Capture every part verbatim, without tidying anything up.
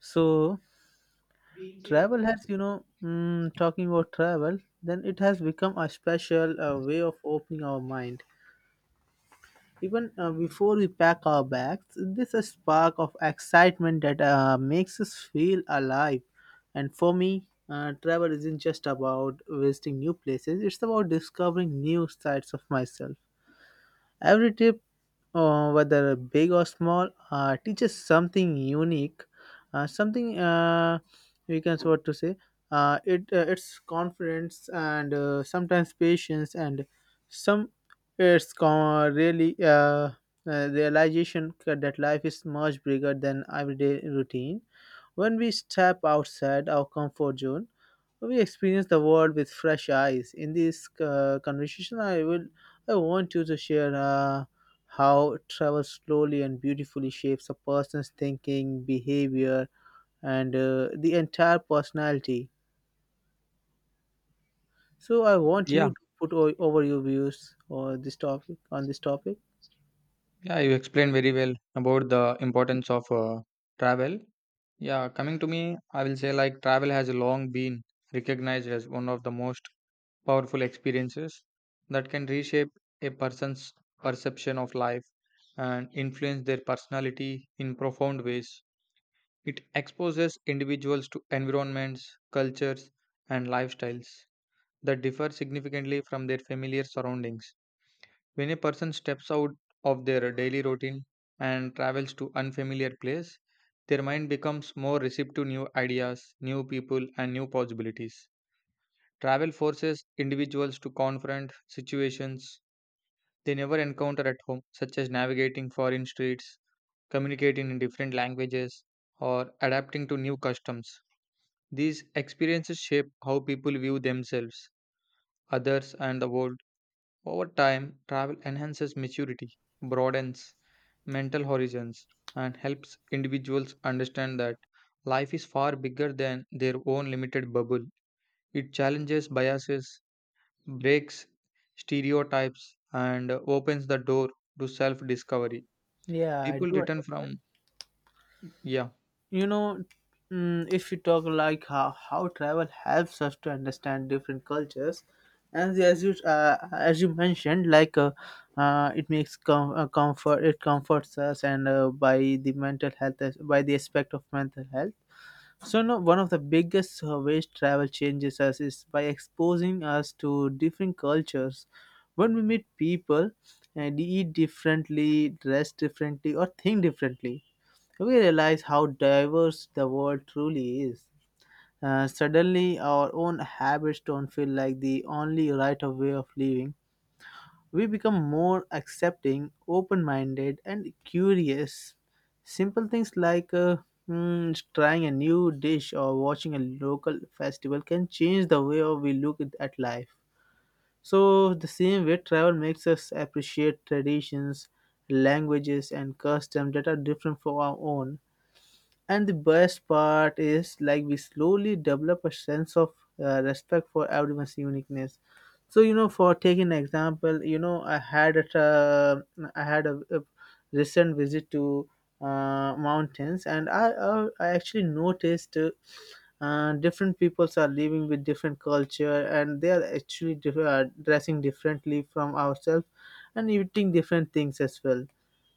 So travel has, you know, mm, talking about travel, then it has become a special uh, way of opening our mind. Even uh, before we pack our bags, there's a spark of excitement that uh, makes us feel alive. And for me, uh, travel isn't just about visiting new places; it's about discovering new sides of myself. Every trip, uh, whether big or small, uh, teaches something unique, uh, something uh, we can what to say. Uh, it uh, it's confidence and uh, sometimes patience, and some it's con- really uh, uh, realization that life is much bigger than everyday routine. When we step outside our comfort zone, we experience the world with fresh eyes. In this uh, conversation, I will, I want you to share uh, how travel slowly and beautifully shapes a person's thinking, behavior, and uh, the entire personality. So I want Yeah, you to put o- over your views or this topic on this topic. yeah, you explained very well about the importance of uh, travel. Yeah, coming to me, I will say like travel has long been recognized as one of the most powerful experiences that can reshape a person's perception of life and influence their personality in profound ways. It exposes individuals to environments, cultures, and lifestyles that differ significantly from their familiar surroundings. When a person steps out of their daily routine and travels to unfamiliar place, their mind becomes more receptive to new ideas, new people and new possibilities. Travel forces individuals to confront situations they never encounter at home, such as navigating foreign streets, communicating in different languages, or adapting to new customs. These experiences shape how people view themselves, others and the world. Over time, travel enhances maturity, broadens mental horizons, and helps individuals understand that life is far bigger than their own limited bubble. It challenges biases, breaks stereotypes, and opens the door to self discovery. Yeah, I People do. return from, yeah. you know mm, if you talk like how, how travel helps us to understand different cultures, and as you uh, as you mentioned, like, uh, uh, it makes com- uh, comfort it comforts us, and uh, by the mental health as- by the aspect of mental health. So, no, one of the biggest uh, ways travel changes us is by exposing us to different cultures. When we meet people and eat differently, dress differently, or think differently, we realize how diverse the world truly is. Uh, suddenly, our own habits don't feel like the only right of way of living. We become more accepting, open minded, and curious. Simple things like uh, mm, trying a new dish or watching a local festival can change the way we look at at life. So, the same way, travel makes us appreciate traditions, languages, and customs that are different from our own. And the best part is, like, we slowly develop a sense of uh, respect for everyone's uniqueness. So, you know, for taking an example, you know, I had a tra- I had a, a recent visit to uh, mountains, and I I, I actually noticed. Uh, uh, different peoples are living with different culture, and they are actually diff- uh, dressing differently from ourselves and eating different things as well.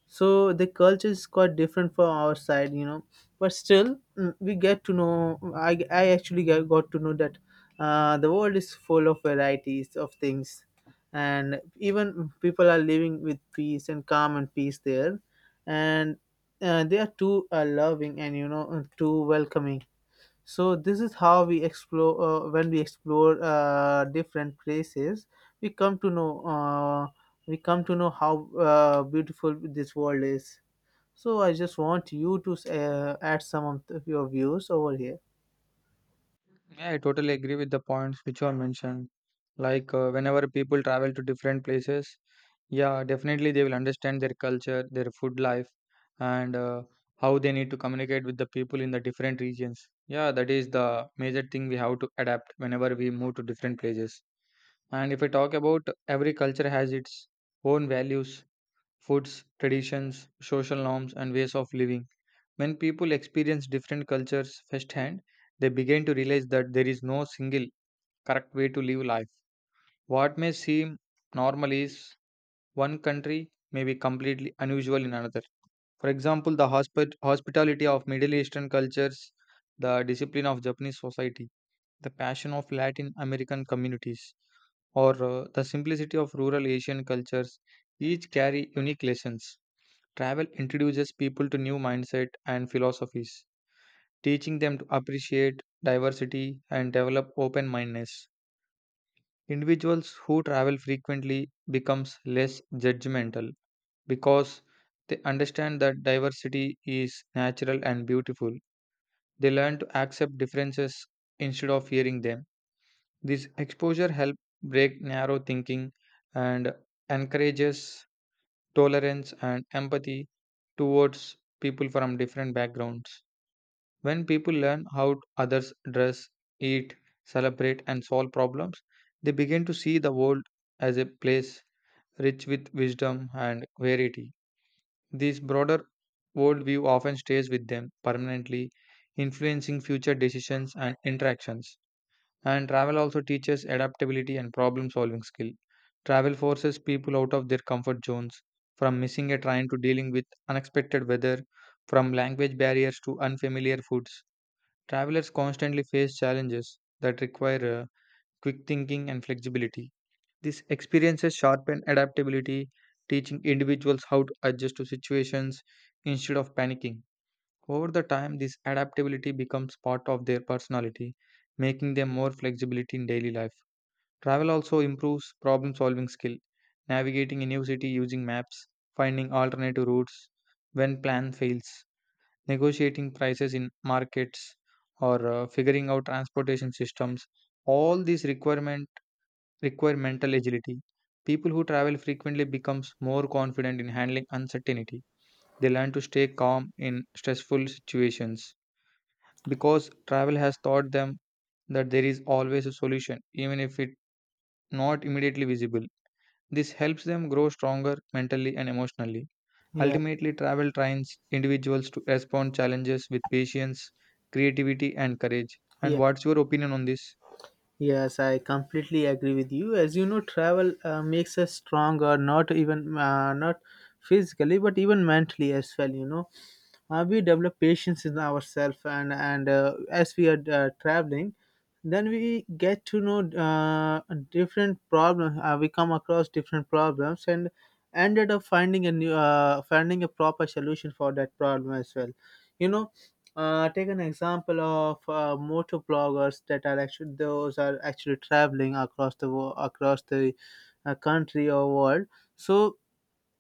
So the culture is quite different from our side you know But still, mm, we get to know, i, I actually get, got to know that uh, the world is full of varieties of things. And even people are living with peace and calm and peace there. And uh, they are too uh, loving and, you know too welcoming. So this is how we explore uh, when we explore uh, different places, we come to know uh, we come to know how uh, beautiful this world is. So I just want you to uh, add some of th- your views over here. Yeah, I totally agree with the points which are mentioned. Like uh, whenever people travel to different places, yeah, definitely they will understand their culture, their food life, and uh, how they need to communicate with the people in the different regions. Yeah, that is the major thing we have to adapt whenever we move to different places. And if I talk about, every culture has its own values, foods, traditions, social norms, and ways of living. When people experience different cultures firsthand, they begin to realize that there is no single correct way to live life. What may seem normal is one country may be completely unusual in another. For example, the hospi- hospitality of Middle Eastern cultures, the discipline of Japanese society, the passion of Latin American communities, or uh, the simplicity of rural Asian cultures each carry unique lessons. Travel introduces people to new mindset and philosophies, teaching them to appreciate diversity and develop open mindedness. Individuals who travel frequently becomes less judgmental because they understand that diversity is natural and beautiful. They learn to accept differences instead of fearing them. This exposure helps break narrow thinking and encourages tolerance and empathy towards people from different backgrounds. When people learn how others dress, eat, celebrate, and solve problems, they begin to see the world as a place rich with wisdom and variety. This broader worldview often stays with them permanently, influencing future decisions and interactions. And travel also teaches adaptability and problem solving skill. Travel forces people out of their comfort zones, from missing a train to dealing with unexpected weather, from language barriers to unfamiliar foods. Travelers constantly face challenges that require uh, quick thinking and flexibility. These experiences sharpen adaptability, teaching individuals how to adjust to situations instead of panicking. Over the time, this adaptability becomes part of their personality, making them more flexibility in daily life. Travel also improves problem solving skill, navigating a new city using maps, finding alternative routes when plan fails, negotiating prices in markets or uh, figuring out transportation systems. All these requirement require mental agility. People who travel frequently becomes more confident in handling uncertainty. They learn to stay calm in stressful situations because travel has taught them that there is always a solution even if it not immediately visible. This helps them grow stronger mentally and emotionally. Yeah, Ultimately, travel trains individuals to respond challenges with patience, creativity, and courage. And yeah, what's your opinion on this? yes, I completely agree with you. As you know, travel uh, makes us stronger, not even uh, not physically but even mentally as well, you know. Uh, we develop patience in ourselves, and and uh, as we are uh, traveling, then we get to know uh, different problems uh, we come across different problems and ended up finding a new uh, finding a proper solution for that problem as well, you know. Uh, take an example of uh, motor bloggers that are actually, those are actually traveling across the wo- across the uh, country or world. So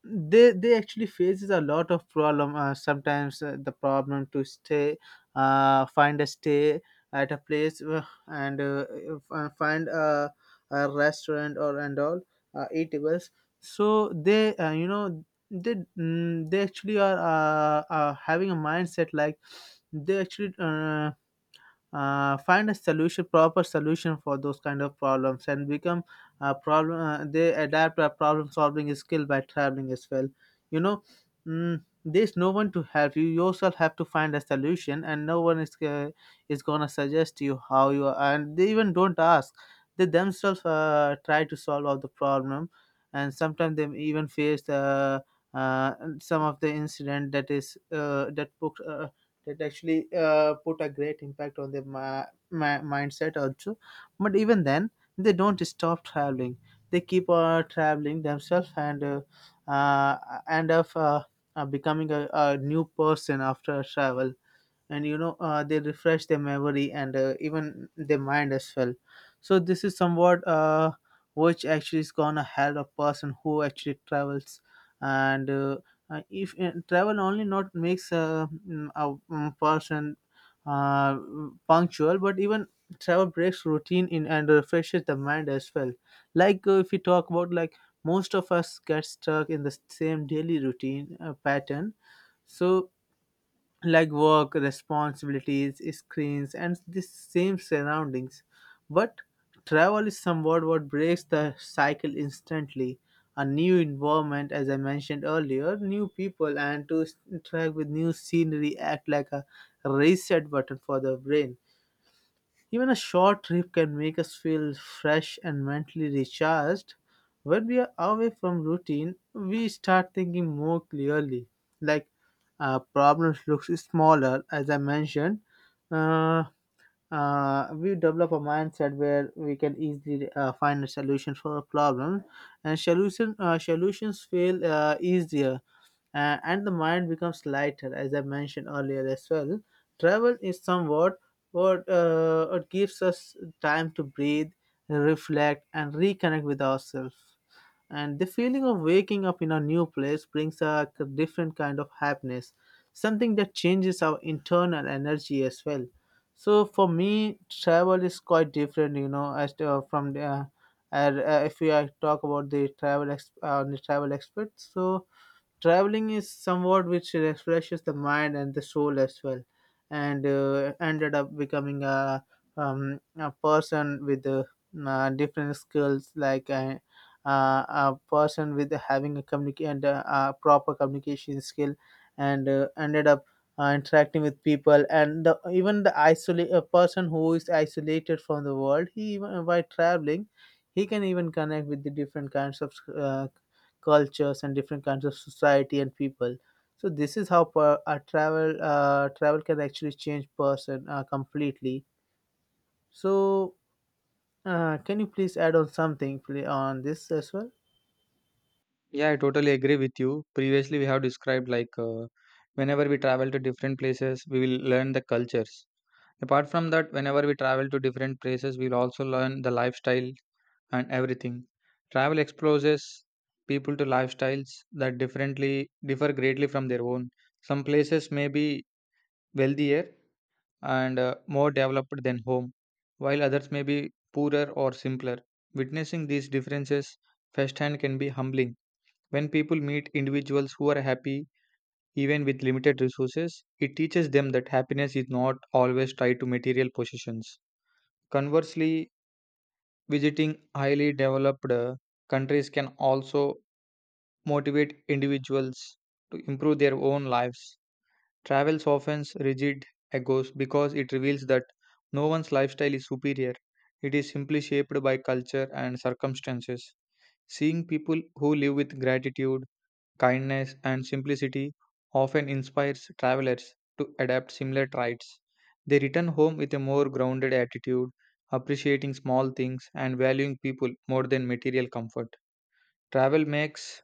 they they actually faces a lot of problem, uh, sometimes uh, the problem to stay uh, find a stay at a place, and uh, if- uh, find a, a restaurant or and all uh, eatables. So they uh, you know they mm, they actually are uh, uh, having a mindset, like, they actually uh, uh, find a solution proper solution for those kind of problems, and become a problem uh, they adapt a problem solving skill by traveling as well, you know. Mm, there's no one to help you. You yourself have to find a solution, and no one is uh, is gonna suggest you how you are, and they even don't ask. They themselves uh, try to solve all the problem. And sometimes they even face the, uh, some of the incident that is uh, that book uh, that actually uh, put a great impact on their ma- ma- mindset also. But even then, they don't stop traveling. They keep uh, traveling themselves, and uh, uh, end up uh, uh, becoming a, a new person after travel. And you know uh, they refresh their memory and uh, even their mind as well. So this is somewhat, uh, which actually is gonna help a person who actually travels. And uh, uh, if uh, travel only not makes a, a mm, person uh, punctual, but even travel breaks routine in and refreshes the mind as well. Like, uh, if we talk about, like, most of us get stuck in the same daily routine uh, pattern, so like work, responsibilities, screens, and the same surroundings. But travel is somewhat what breaks the cycle instantly. A new environment, as I mentioned earlier, new people, and to s- interact with new scenery act like a reset button for the brain. Even a short trip can make us feel fresh and mentally recharged. When we are away from routine, we start thinking more clearly. Like, uh, problems looks smaller, as I mentioned. Uh, uh, we develop a mindset where we can easily uh, find a solution for a problem, and solution uh, solutions feel uh, easier, uh, and the mind becomes lighter, as I mentioned earlier as well. Travel is somewhat what, uh, it gives us time to breathe, reflect, and reconnect with ourselves. And the feeling of waking up in a new place brings a k- different kind of happiness, something that changes our internal energy as well. So for me, travel is quite different, you know, as to, uh, from the. Uh, and, uh, if we uh, talk about the travel ex- uh, the travel experts, so traveling is somewhat which refreshes the mind and the soul as well, and uh, ended up becoming a, um, a person with uh, uh, different skills, like a, uh, a person with having a communicate, and uh, a proper communication skill, and uh, ended up uh, interacting with people. And the, even the isolate a person who is isolated from the world, he, even by traveling, he can even connect with the different kinds of uh, cultures and different kinds of society and people. So this is how, per, a travel uh, travel can actually change person uh, completely. So, uh, can you please add on something pl- on this as well? Yeah, I totally agree with you. Previously, we have described like uh, whenever we travel to different places, we will learn the cultures. Apart from that, whenever we travel to different places, we'll also learn the lifestyle and everything. Travel exposes people to lifestyles that differently differ greatly from their own. Some places may be wealthier and uh, more developed than home, while others may be poorer or simpler. Witnessing these differences firsthand can be humbling. When people meet individuals who are happy, even with limited resources, it teaches them that happiness is not always tied to material possessions. Conversely, visiting highly developed uh, countries can also motivate individuals to improve their own lives. Travel softens rigid egos because it reveals that no one's lifestyle is superior. It is simply shaped by culture and circumstances. Seeing people who live with gratitude, kindness, and simplicity often inspires travelers to adapt similar traits. They return home with a more grounded attitude, appreciating small things and valuing people more than material comfort. Travel makes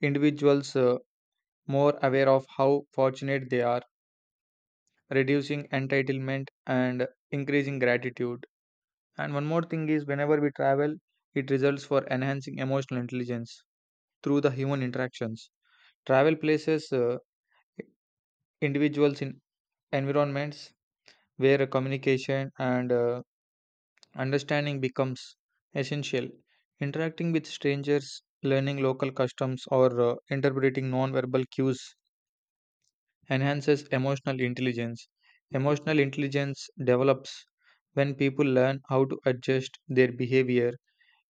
individuals uh, more aware of how fortunate they are, reducing entitlement and increasing gratitude. And one more thing is, whenever we travel, it results for enhancing emotional intelligence through the human interactions. Travel places uh, individuals in environments where communication and uh, understanding becomes essential. Interacting with strangers, learning local customs, or uh, interpreting non-verbal cues enhances emotional intelligence. Emotional intelligence develops when people learn how to adjust their behavior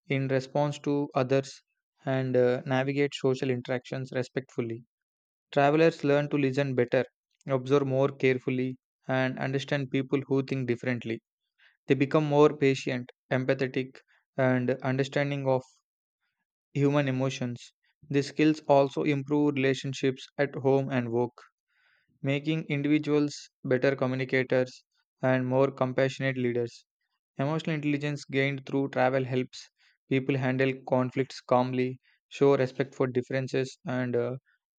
in response to others and uh, navigate social interactions respectfully. Travelers learn to listen better, observe more carefully, and understand people who think differently. They become more patient, empathetic, and understanding of human emotions. These skills also improve relationships at home and work, making individuals better communicators and more compassionate leaders. Emotional intelligence gained through travel helps people handle conflicts calmly, show respect for differences, and uh,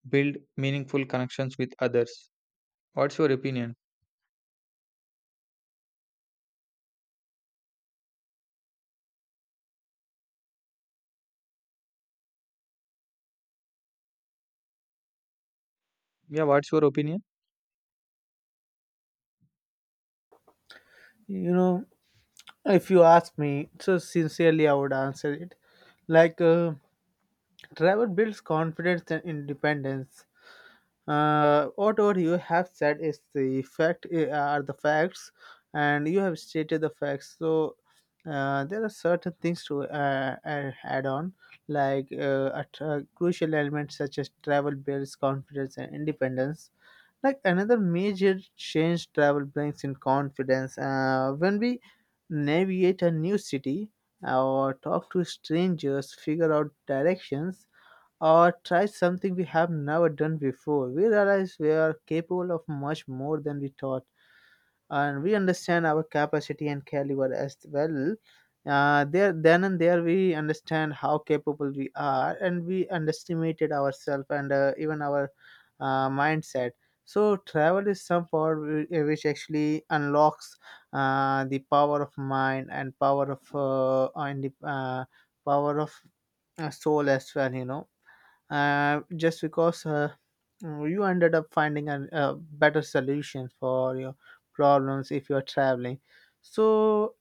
build meaningful connections with others. What's your opinion? Yeah, what's your opinion? You know, if you ask me, so sincerely I would answer it. Like, uh, travel builds confidence and independence. Uh, whatever you have said is the fact eh, are the facts, and you have stated the facts. So uh, there are certain things to uh, uh, add on, like uh, a tra- crucial elements such as travel builds confidence and independence. Like another major change travel brings in confidence. Uh, when we navigate a new city, or talk to strangers, figure out directions, or try something we have never done before, we realize we are capable of much more than we thought, and we understand our capacity and caliber as well. Uh, there, then and there, we understand how capable we are, and we underestimated ourselves and uh, even our uh, mindset. So, travel is some power whi- which actually unlocks uh, the power of mind, and power of uh, and the uh, power of uh, soul as well. You know uh, just because uh, you ended up finding a, a better solution for your problems if you're traveling. So,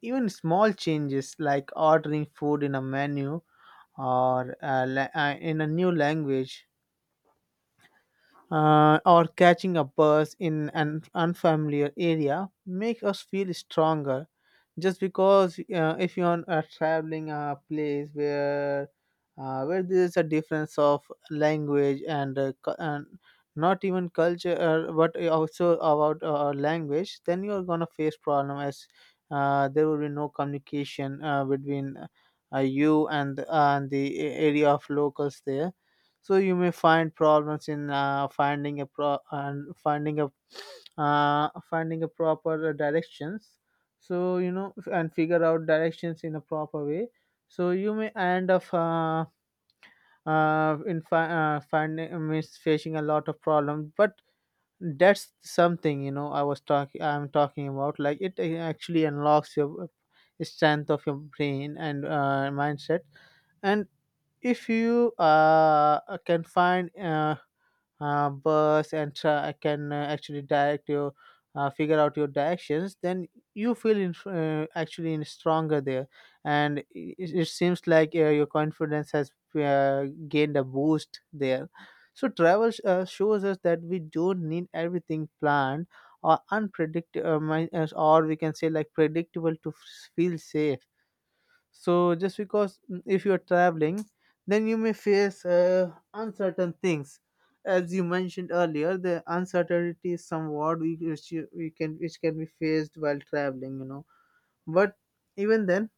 even small changes like ordering food in a menu or uh, la- uh, in a new language, uh, or catching a bus in an unfamiliar area make us feel stronger just because uh, if you are uh, traveling a place where uh, where there is a difference of language and, uh, cu- and not even culture uh, but also about uh, language, then you are gonna face problem as uh, there will be no communication uh, between uh, you and uh, and the a- area of locals there. So you may find problems in uh, finding a pro and finding a uh, finding a proper directions, so you know, f- and figure out directions in a proper way. So you may end up uh, uh, in fi- uh, finding miss facing a lot of problems, but that's something, you know, i was talking I'm talking about, like it uh, actually unlocks your uh, strength of your brain and uh, mindset. And if you uh, can find uh, uh, bus and tra- can uh, actually direct your uh, figure out your directions, then you feel in, uh, actually in stronger there. And it, it seems like uh, your confidence has uh, gained a boost there. So travel uh, shows us that we don't need everything planned or unpredictable, or we can say like predictable to f- feel safe. So just because mm, if you are traveling, then you may face uh, uncertain things. As you mentioned earlier, the uncertainty is somewhat we, which you- we can which can be faced while traveling, you know. But even then,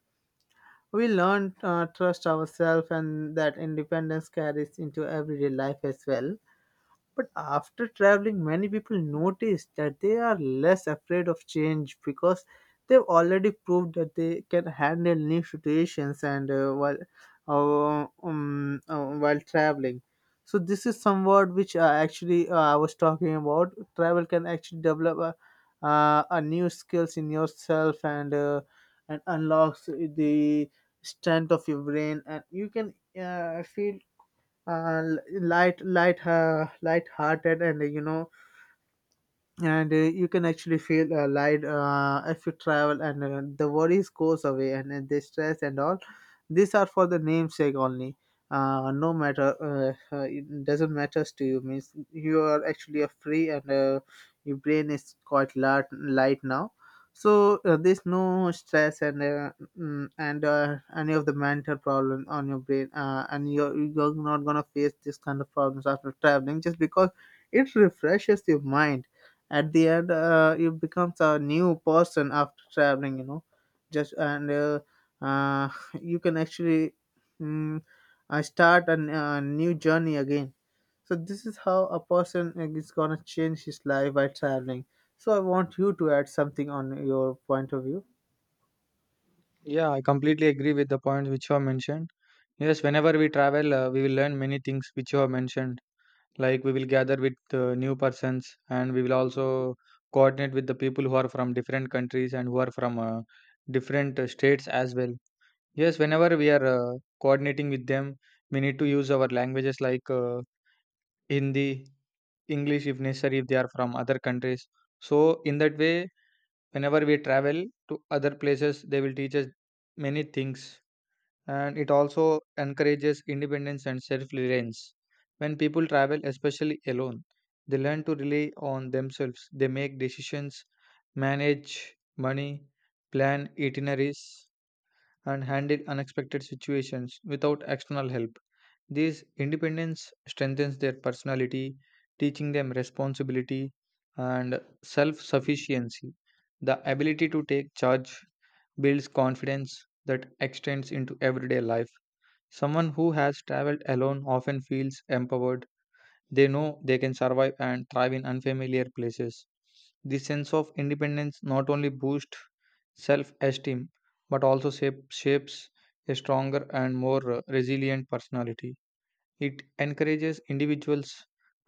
we learn uh, trust ourselves, and that independence carries into everyday life as well. But after traveling, many people notice that they are less afraid of change because they've already proved that they can handle new situations and uh, while uh, um, uh, while traveling. So this is somewhat which uh, actually uh, I was talking about. Travel can actually develop a, uh, a new skills in yourself and uh, and unlocks the strength of your brain, and you can uh, feel uh, light light uh, light hearted, and you know, and uh, you can actually feel uh, light uh, if you travel. And uh, the worries goes away, and, and the stress and all, these are for the namesake only. Uh, no matter uh, uh, it doesn't matters to you, means you are actually a free, and uh, your brain is quite light, light now, so uh, there's no stress and uh, mm, and uh, any of the mental problem on your brain. Uh, and you're, you're not gonna face this kind of problems after traveling, just because it refreshes your mind. At the end, uh, you becomes a new person after traveling, you know. Just and uh, uh, you can actually, mm, uh, start a n- a new journey again. So this is how a person is gonna change his life by traveling. So I want you to add something on your point of view. Yeah, I completely agree with the points which you have mentioned. Yes, whenever we travel, uh, we will learn many things which you have mentioned. Like we will gather with uh, new persons and we will also coordinate with the people who are from different countries and who are from uh, different uh, states as well. Yes, whenever we are uh, coordinating with them, we need to use our languages like uh, Hindi, English if necessary, if they are from other countries. So in that way, whenever we travel to other places, they will teach us many things. And it also encourages independence and self reliance. When people travel, especially alone, they learn to rely on themselves. They make decisions, manage money, plan itineraries, and handle unexpected situations without external help. This independence strengthens their personality, teaching them responsibility and self sufficiency. The ability to take charge builds confidence that extends into everyday life. Someone who has traveled alone often feels empowered. They know they can survive and thrive in unfamiliar places. This sense of independence not only boosts self esteem but also shape, shapes a stronger and more uh, resilient personality. It encourages individuals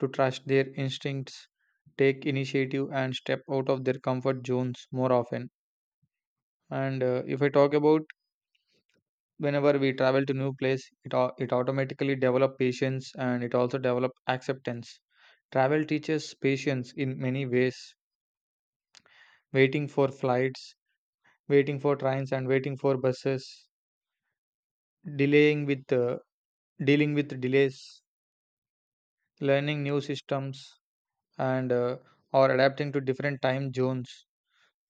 to trust their instincts, take initiative, and step out of their comfort zones more often. And uh, if I talk about, whenever we travel to new place, it au- it automatically develop patience and it also develop acceptance. Travel teaches patience in many ways: waiting for flights, waiting for trains and waiting for buses, delaying with uh, dealing with delays, learning new systems, and uh, or adapting to different time zones.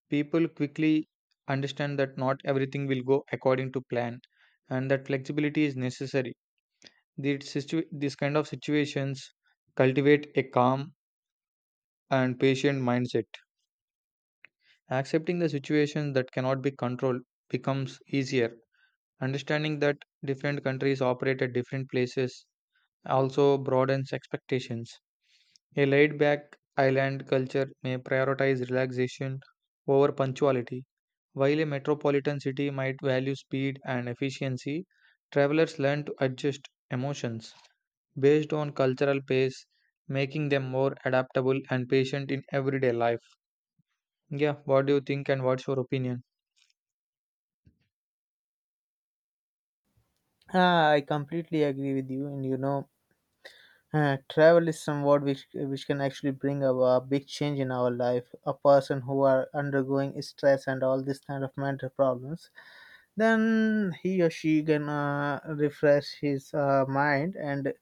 People quickly understand that not everything will go according to plan and that flexibility is necessary. These, situ- these kind of situations cultivate a calm and patient mindset. Accepting the situation that cannot be controlled becomes easier. Understanding that different countries operate at different places also broadens expectations. A laid back island culture may prioritize relaxation over punctuality, while a metropolitan city might value speed and efficiency. Travelers learn to adjust emotions based on cultural pace, making them more adaptable and patient in everyday life. Yeah, what do you think and what's your opinion? Ah, I completely agree with you, and you know, uh, travel is somewhat which which can actually bring a, a big change in our life. A person who are undergoing stress and all this kind of mental problems, then he or she gonna refresh his uh, mind and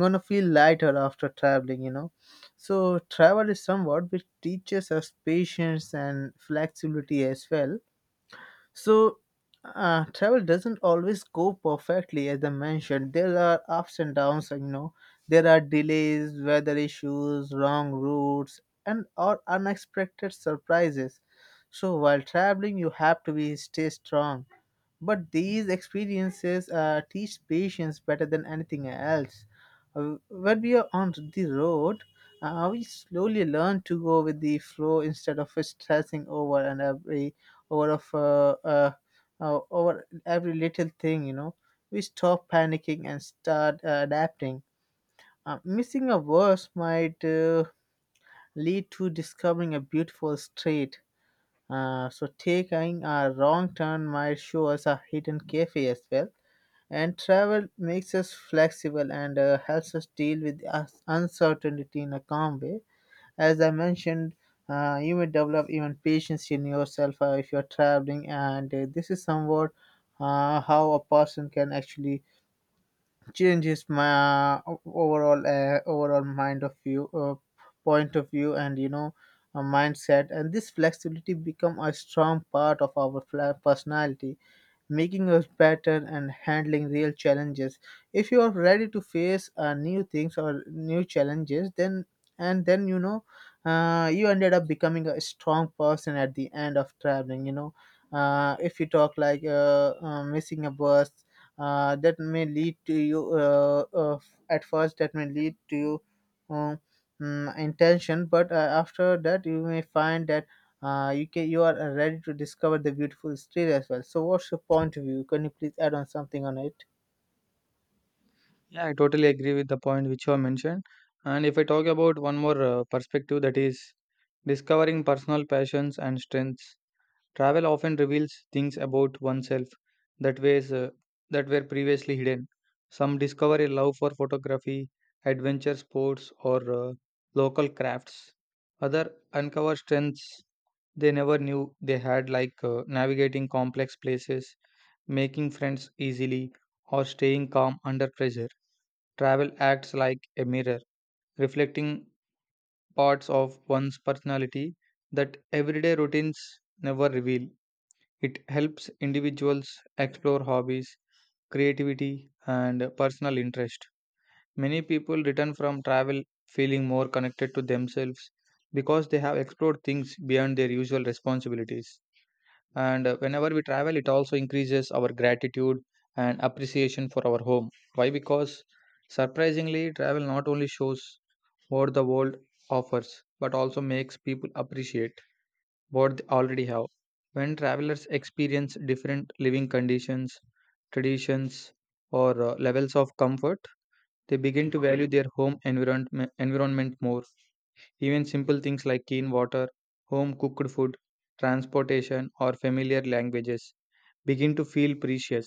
gonna feel lighter after traveling, you know. So travel is somewhat which teaches us patience and flexibility as well. So uh, travel doesn't always go perfectly. As I mentioned, there are ups and downs, you know. There are delays, weather issues, wrong routes, and or unexpected surprises. So while traveling you have to be stay strong, but these experiences uh, teach patience better than anything else. Uh, when we are on the road, uh, we slowly learn to go with the flow instead of stressing over and every over of uh, uh, uh, over every little thing. You know, we stop panicking and start uh, adapting. Uh, missing a verse might uh, lead to discovering a beautiful street. Uh, so taking a wrong turn might show us a hidden cafe as well. And travel makes us flexible and uh, helps us deal with us- uncertainty in a calm way. As I mentioned, uh, you may develop even patience in yourself uh, if you're traveling. And uh, this is somewhat uh, how a person can actually change his ma- overall uh, overall mind of view, uh, point of view, and you know, a mindset. And this flexibility become a strong part of our fla- personality, making us better and handling real challenges. If you are ready to face uh, new things or new challenges, then and then, you know, uh, you ended up becoming a strong person at the end of traveling. You know, uh, if you talk like uh, uh, missing a bus, uh, that may lead to you uh, uh, at first. That may lead to you. Um, mm, Intention, but uh, after that you may find that uh, you can, you are ready to discover the beautiful street as well. So, what's your point of view? Can you please add on something on it? Yeah, I totally agree with the point which you have mentioned. And if I talk about one more uh, perspective, that is discovering personal passions and strengths. Travel often reveals things about oneself that ways uh, that were previously hidden. Some discover a love for photography, adventure sports, or uh, local crafts. Other uncover strengths they never knew they had, like uh, navigating complex places, making friends easily, or staying calm under pressure. Travel acts like a mirror, reflecting parts of one's personality that everyday routines never reveal. It helps individuals explore hobbies, creativity, and personal interest. Many people return from travel feeling more connected to themselves because they have explored things beyond their usual responsibilities. And uh, whenever we travel, it also increases our gratitude and appreciation for our home. Why? Because surprisingly, travel not only shows what the world offers but also makes people appreciate what they already have. When travelers experience different living conditions, traditions, or uh, levels of comfort, they begin to value their home environment, environment more. Even simple things like clean water, home cooked food, transportation, or familiar languages begin to feel precious.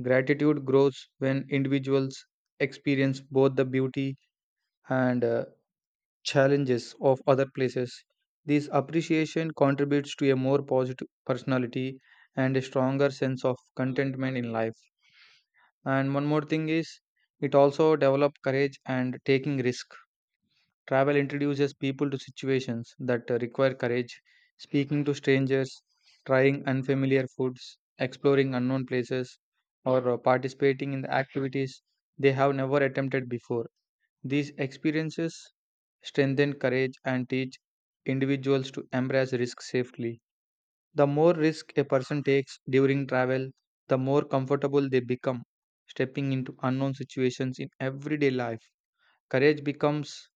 Gratitude grows when individuals experience both the beauty and uh, challenges of other places. This appreciation contributes to a more positive personality and a stronger sense of contentment in life. And one more thing is, it also develops courage and taking risk. Travel introduces people to situations that uh, require courage, speaking to strangers, trying unfamiliar foods, exploring unknown places, or uh, participating in the activities they have never attempted before. These experiences strengthen courage and teach individuals to embrace risk safely. The more risk a person takes during travel, the more comfortable they become, stepping into unknown situations in everyday life. Courage becomes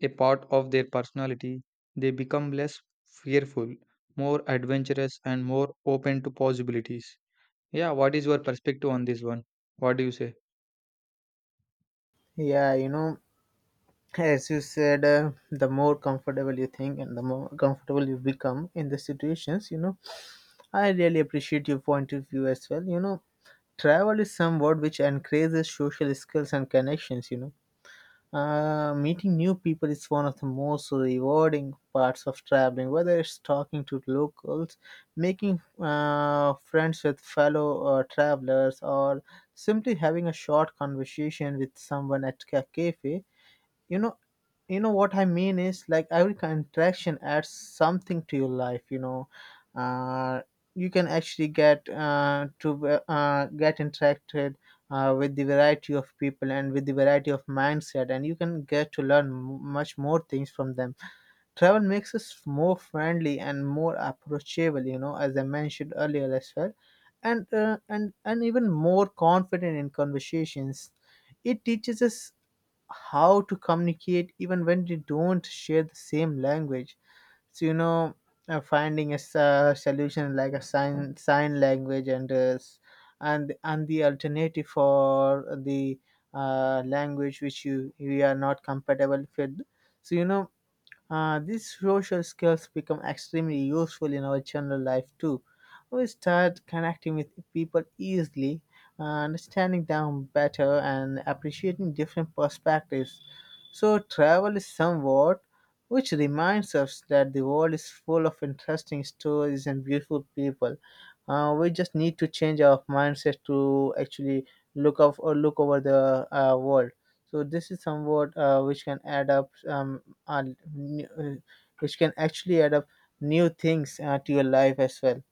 a part of their personality. They become less fearful, more adventurous, and more open to possibilities. Yeah, what is your perspective on this one? What do you say? Yeah, you know, as you said, uh, the more comfortable you think and the more comfortable you become in the situations, you know, I really appreciate your point of view as well. You know, travel is some word which encourages social skills and connections, you know. Uh, meeting new people is one of the most rewarding parts of traveling, whether it's talking to locals, making uh, friends with fellow uh, travelers, or simply having a short conversation with someone at a cafe. You know, you know what I mean is like every contraction adds something to your life, you know. uh, you can actually get uh, to uh, get interacted uh, with the variety of people and with the variety of mindset, and you can get to learn m- much more things from them. Travel makes us more friendly and more approachable, you know, as I mentioned earlier as well, and uh, and and even more confident in conversations. It teaches us how to communicate even when we don't share the same language. So you know, uh, finding a s- uh, solution like a sign sign language, and uh, s- and and the alternative for the uh, language which you you are not compatible with. So you know, uh, these social skills become extremely useful in our general life too. We start connecting with people easily, uh, understanding them better, and appreciating different perspectives. So, travel is somewhat which reminds us that the world is full of interesting stories and beautiful people. Uh, we just need to change our mindset to actually look up or look over the uh, world. So this is somewhat uh, which can add up, um, uh, new- uh, which can actually add up new things uh, to your life as well.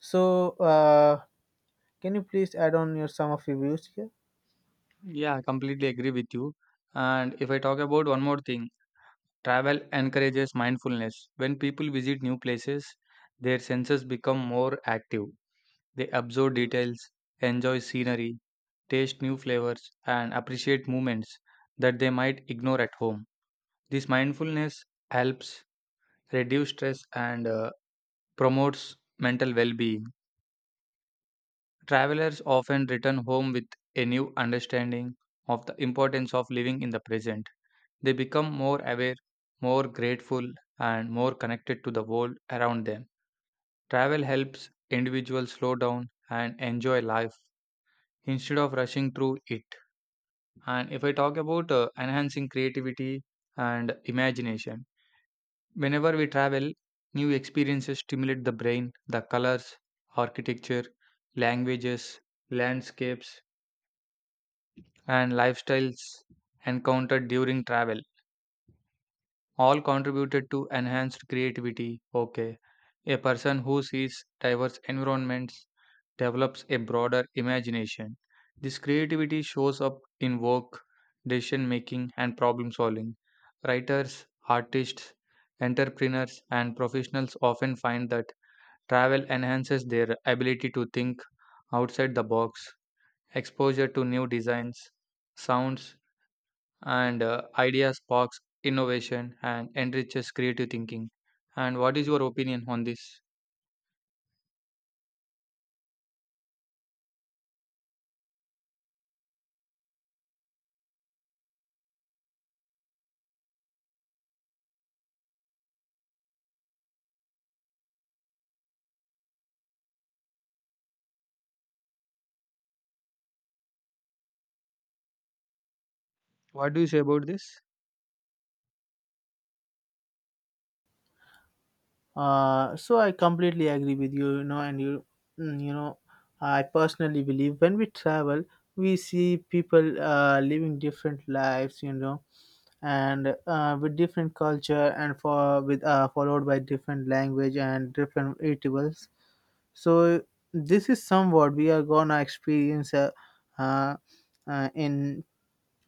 So uh, can you please add on your some of your views here? Yeah, I completely agree with you. And if I talk about one more thing, travel encourages mindfulness. When people visit new places, their senses become more active. They absorb details, enjoy scenery, taste new flavors, and appreciate movements that they might ignore at home. This mindfulness helps reduce stress and uh, promotes mental well being. Travelers often return home with a new understanding of the importance of living in the present. They become more aware, more grateful, and more connected to the world around them. Travel helps individuals slow down and enjoy life instead of rushing through it. And if I talk about uh, enhancing creativity and imagination, whenever we travel, new experiences stimulate the brain, the colors, architecture, languages, landscapes, and lifestyles encountered during travel all contributed to enhanced creativity. Okay. A person who sees diverse environments develops a broader imagination. This creativity shows up in work, decision making, and problem solving. Writers, artists, entrepreneurs, and professionals often find that travel enhances their ability to think outside the box. Exposure to new designs, sounds, and uh, idea sparks innovation and enriches creative thinking. And what is your opinion on this? What do you say about this? Uh, so I completely agree with you, you know, and you, mm, you know, I personally believe when we travel, we see people uh, living different lives, you know, and uh, with different culture and for with uh, followed by different language and different eatables. So this is somewhat we are gonna experience uh, uh, uh, in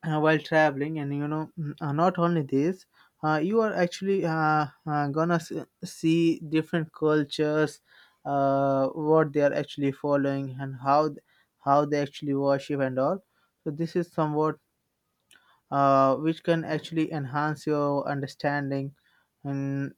uh, while traveling. And you know, mm, uh, not only this, uh, you are actually uh, uh, gonna s- see different cultures, uh, what they are actually following, and how th- how they actually worship and all. So this is somewhat uh, which can actually enhance your understanding and,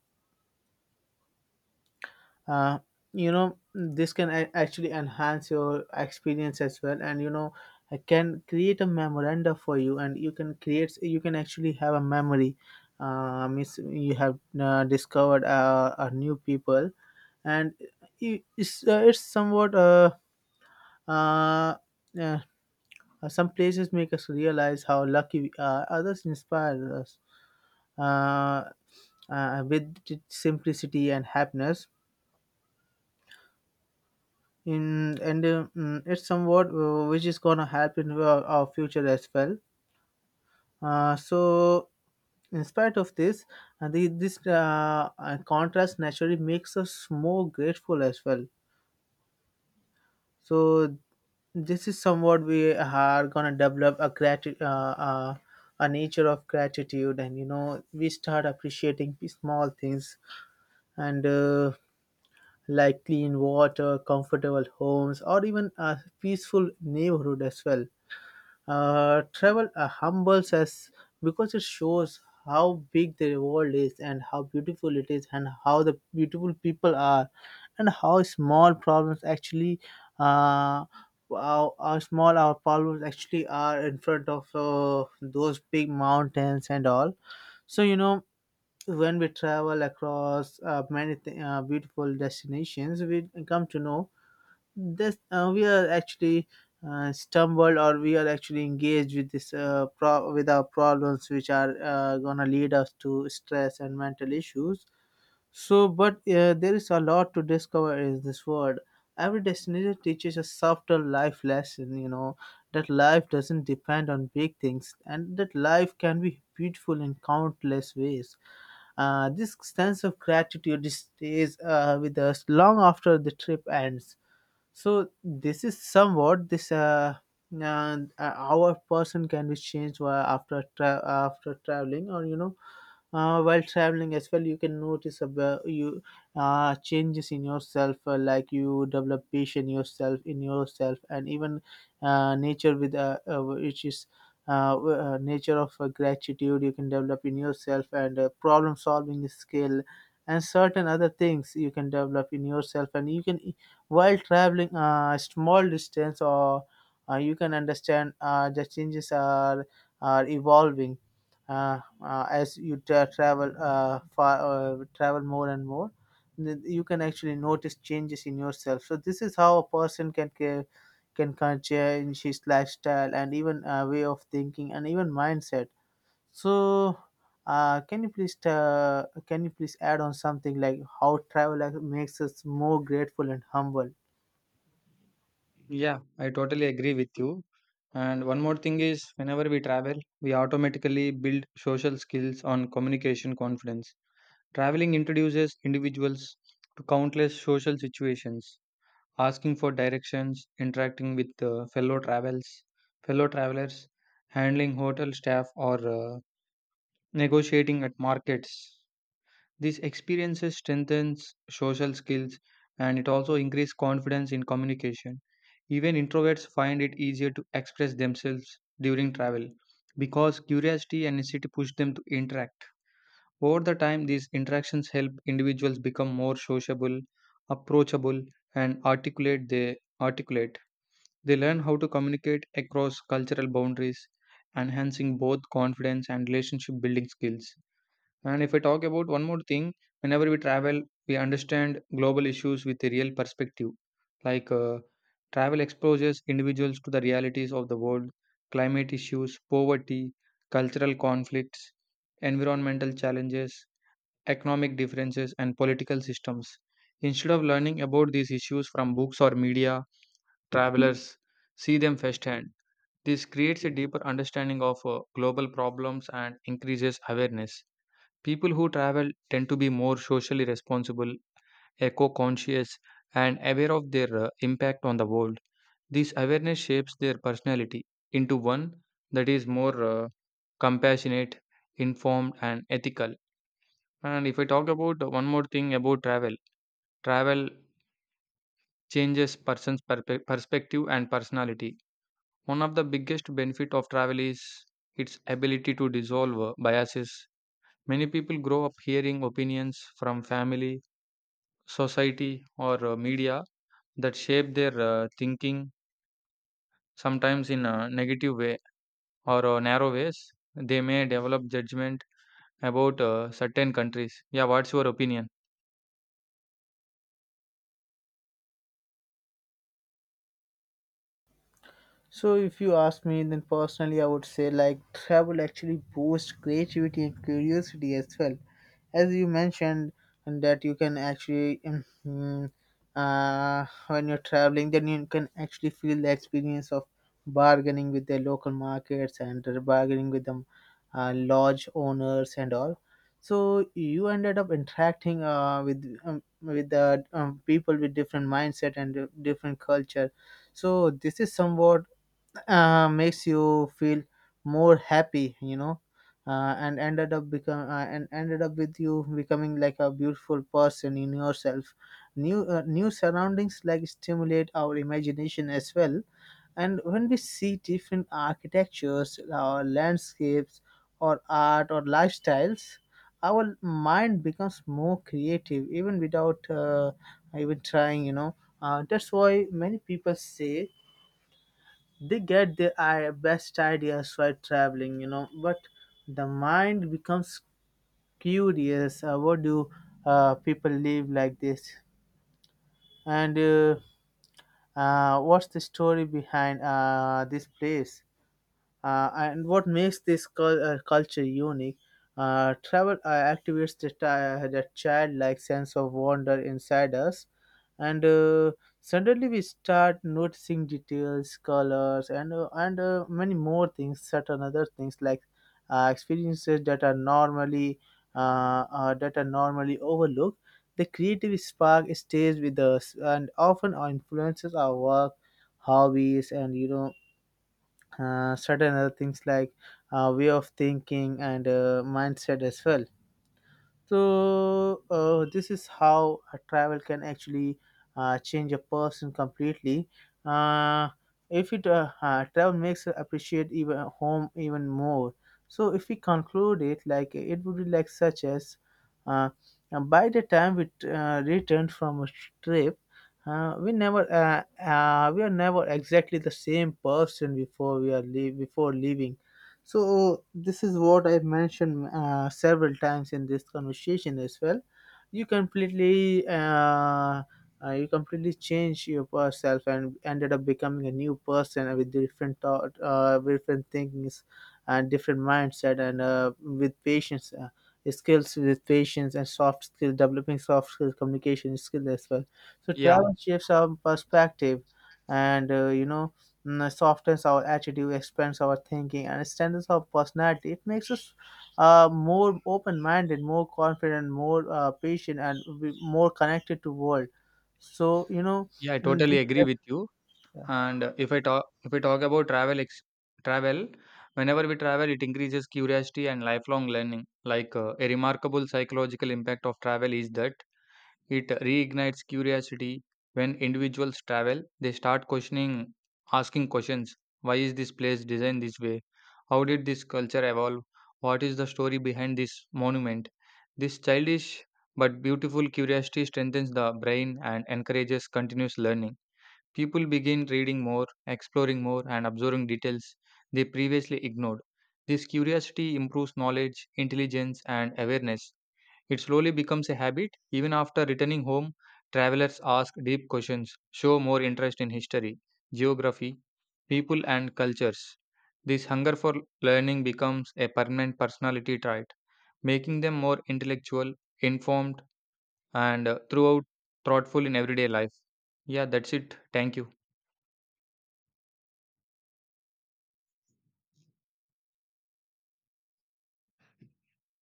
uh, you know, this can a- actually enhance your experience as well. And you know, I can create a memoranda for you, and you can create you can actually have a memory, uh, means you have uh, discovered uh, a new people. And I- it's, uh, it's somewhat uh, uh, uh, some places make us realize how lucky we are, others inspire us uh, uh, with simplicity and happiness. In and uh, mm, it's somewhat uh, which is gonna help in our, our future as well. Uh, so in spite of this, uh, the, this uh, uh, contrast naturally makes us more grateful as well. So this is somewhat we are gonna develop a grati- uh, uh, a nature of gratitude, and you know, we start appreciating the small things, and uh, like clean water, comfortable homes, or even a peaceful neighborhood as well. Uh, travel uh, humbles us because it shows how big the world is, and how beautiful it is, and how the beautiful people are, and how small problems actually, uh, how, how small our problems actually are in front of uh, those big mountains and all. So you know, when we travel across uh, many th- uh, beautiful destinations, we come to know this uh, we are actually uh, stumbled, or we are actually engaged with this uh, pro- with our problems, which are uh, gonna lead us to stress and mental issues. So, but uh, there is a lot to discover in this world. Every destination teaches a subtle life lesson, you know, that life doesn't depend on big things, and that life can be beautiful in countless ways. Uh, this sense of gratitude stays uh, with us long after the trip ends. So this is somewhat this uh, uh our person can be changed while after tra- after traveling, or you know, uh, while traveling as well, you can notice about you uh, changes in yourself, uh, like you develop patience yourself in yourself, and even uh, nature with uh, uh, which is uh, w- uh, nature of uh, gratitude you can develop in yourself, and uh, problem solving skill, and certain other things you can develop in yourself. And you can, while traveling uh, a small distance, or uh, you can understand uh, the changes are, are evolving uh, uh, as you tra- travel uh, far, uh, travel more and more. th- You can actually notice changes in yourself. So this is how a person can ca- can can change his lifestyle, and even uh, way of thinking, and even mindset. So uh, can you please uh, can you please add on something like how travel ac- makes us more grateful and humble? Yeah, I totally agree with you. And one more thing is, whenever we travel, we automatically build social skills on communication confidence. Traveling introduces individuals to countless social situations, asking for directions, interacting with uh, fellow travels, fellow travelers, handling hotel staff, or uh, negotiating at markets. These experiences strengthens social skills and it also increase confidence in communication. Even introverts find it easier to express themselves during travel because curiosity and necessity push them to interact. Over the time, these interactions help individuals become more sociable, approachable, and articulate. They articulate. They learn how to communicate across cultural boundaries, enhancing both confidence and relationship building skills. And if I talk about one more thing, whenever we travel, we understand global issues with a real perspective. Like uh, travel exposes individuals to the realities of the world, climate issues, poverty, cultural conflicts, environmental challenges, economic differences, and political systems. Instead of learning about these issues from books or media, travelers see them firsthand. This creates a deeper understanding of uh, global problems and increases awareness. People who travel tend to be more socially responsible, eco conscious, and aware of their uh, impact on the world. This awareness shapes their personality into one that is more uh, compassionate, informed, and ethical. And if I talk about one more thing about travel, travel changes person's perpe- perspective and personality. One of the biggest benefit of travel is its ability to dissolve uh, biases. Many people grow up hearing opinions from family, society or uh, media that shape their uh, thinking, sometimes in a negative way or uh, narrow ways. They may develop judgment about uh, certain countries. Yeah, what's your opinion? So if you ask me, then personally, I would say like travel actually boosts creativity and curiosity as well. As you mentioned, and that you can actually, um, mm, uh, when you're traveling, then you can actually feel the experience of bargaining with the local markets, and bargaining with the uh, lodge owners and all. So you ended up interacting uh, with um, with the um, people with different mindset and different culture. So this is somewhat uh, makes you feel more happy, you know, uh, and ended up become uh, and ended up with you becoming like a beautiful person in yourself. New uh, new surroundings like stimulate our imagination as well. And when we see different architectures, or landscapes, or art, or lifestyles, our mind becomes more creative even without uh, even trying, you know. Uh, that's why many people say they get their i- best ideas while traveling, you know. But the mind becomes curious, uh, what do uh, people live like this, and uh, uh, what's the story behind uh, this place, uh, and what makes this cul- uh, culture unique? Uh, travel uh, activates the, ti- the childlike sense of wonder inside us. And uh, suddenly we start noticing details, colors, and uh, and uh, many more things, certain other things like uh, experiences that are normally uh, uh, that are normally overlooked. The creative spark stays with us and often influences our work, hobbies, and you know, uh, certain other things like uh, way of thinking, and uh, mindset as well. So uh, this is how a travel can actually uh, change a person completely. Uh, if it uh, uh, Travel makes us appreciate even uh, home even more. So if we conclude it, like, it would be like such as, uh, and by the time we uh, return from a trip, uh, we never uh, uh, we are never exactly the same person before we are leave before leaving. So this is what I've mentioned uh, several times in this conversation as well. You completely, uh, uh, you completely change your yourself, and ended up becoming a new person with different thought, uh, different thinkings, and different mindset, and uh, with patience, uh, skills with patience and soft skills, developing soft skills, communication skills as well. So Yeah, travel shifts our perspective, and uh, you know, mm, softens our attitude, expands our thinking, and strengthens our personality. It makes us uh, more open-minded, more confident, more uh, patient, and we- more connected to world. So you know, yeah I mm, totally agree with you. this, And uh, if I talk, if i talk about travel ex- travel, whenever we travel, it increases curiosity and lifelong learning. Like uh, a remarkable psychological impact of travel is that it reignites curiosity. When individuals travel, they start questioning, asking questions. Why is this place designed this way? How did this culture evolve? What is the story behind this monument? This childish but beautiful curiosity strengthens the brain and encourages continuous learning. People begin reading more, exploring more, and observing details they previously ignored. This curiosity improves knowledge, intelligence, and awareness. It slowly becomes a habit. Even after returning home, travelers ask deep questions, show more interest in history, geography, people, and cultures. This hunger for learning becomes a permanent personality trait, making them more intellectual, informed, and uh, throughout thoughtful in everyday life. Yeah, that's it. Thank you.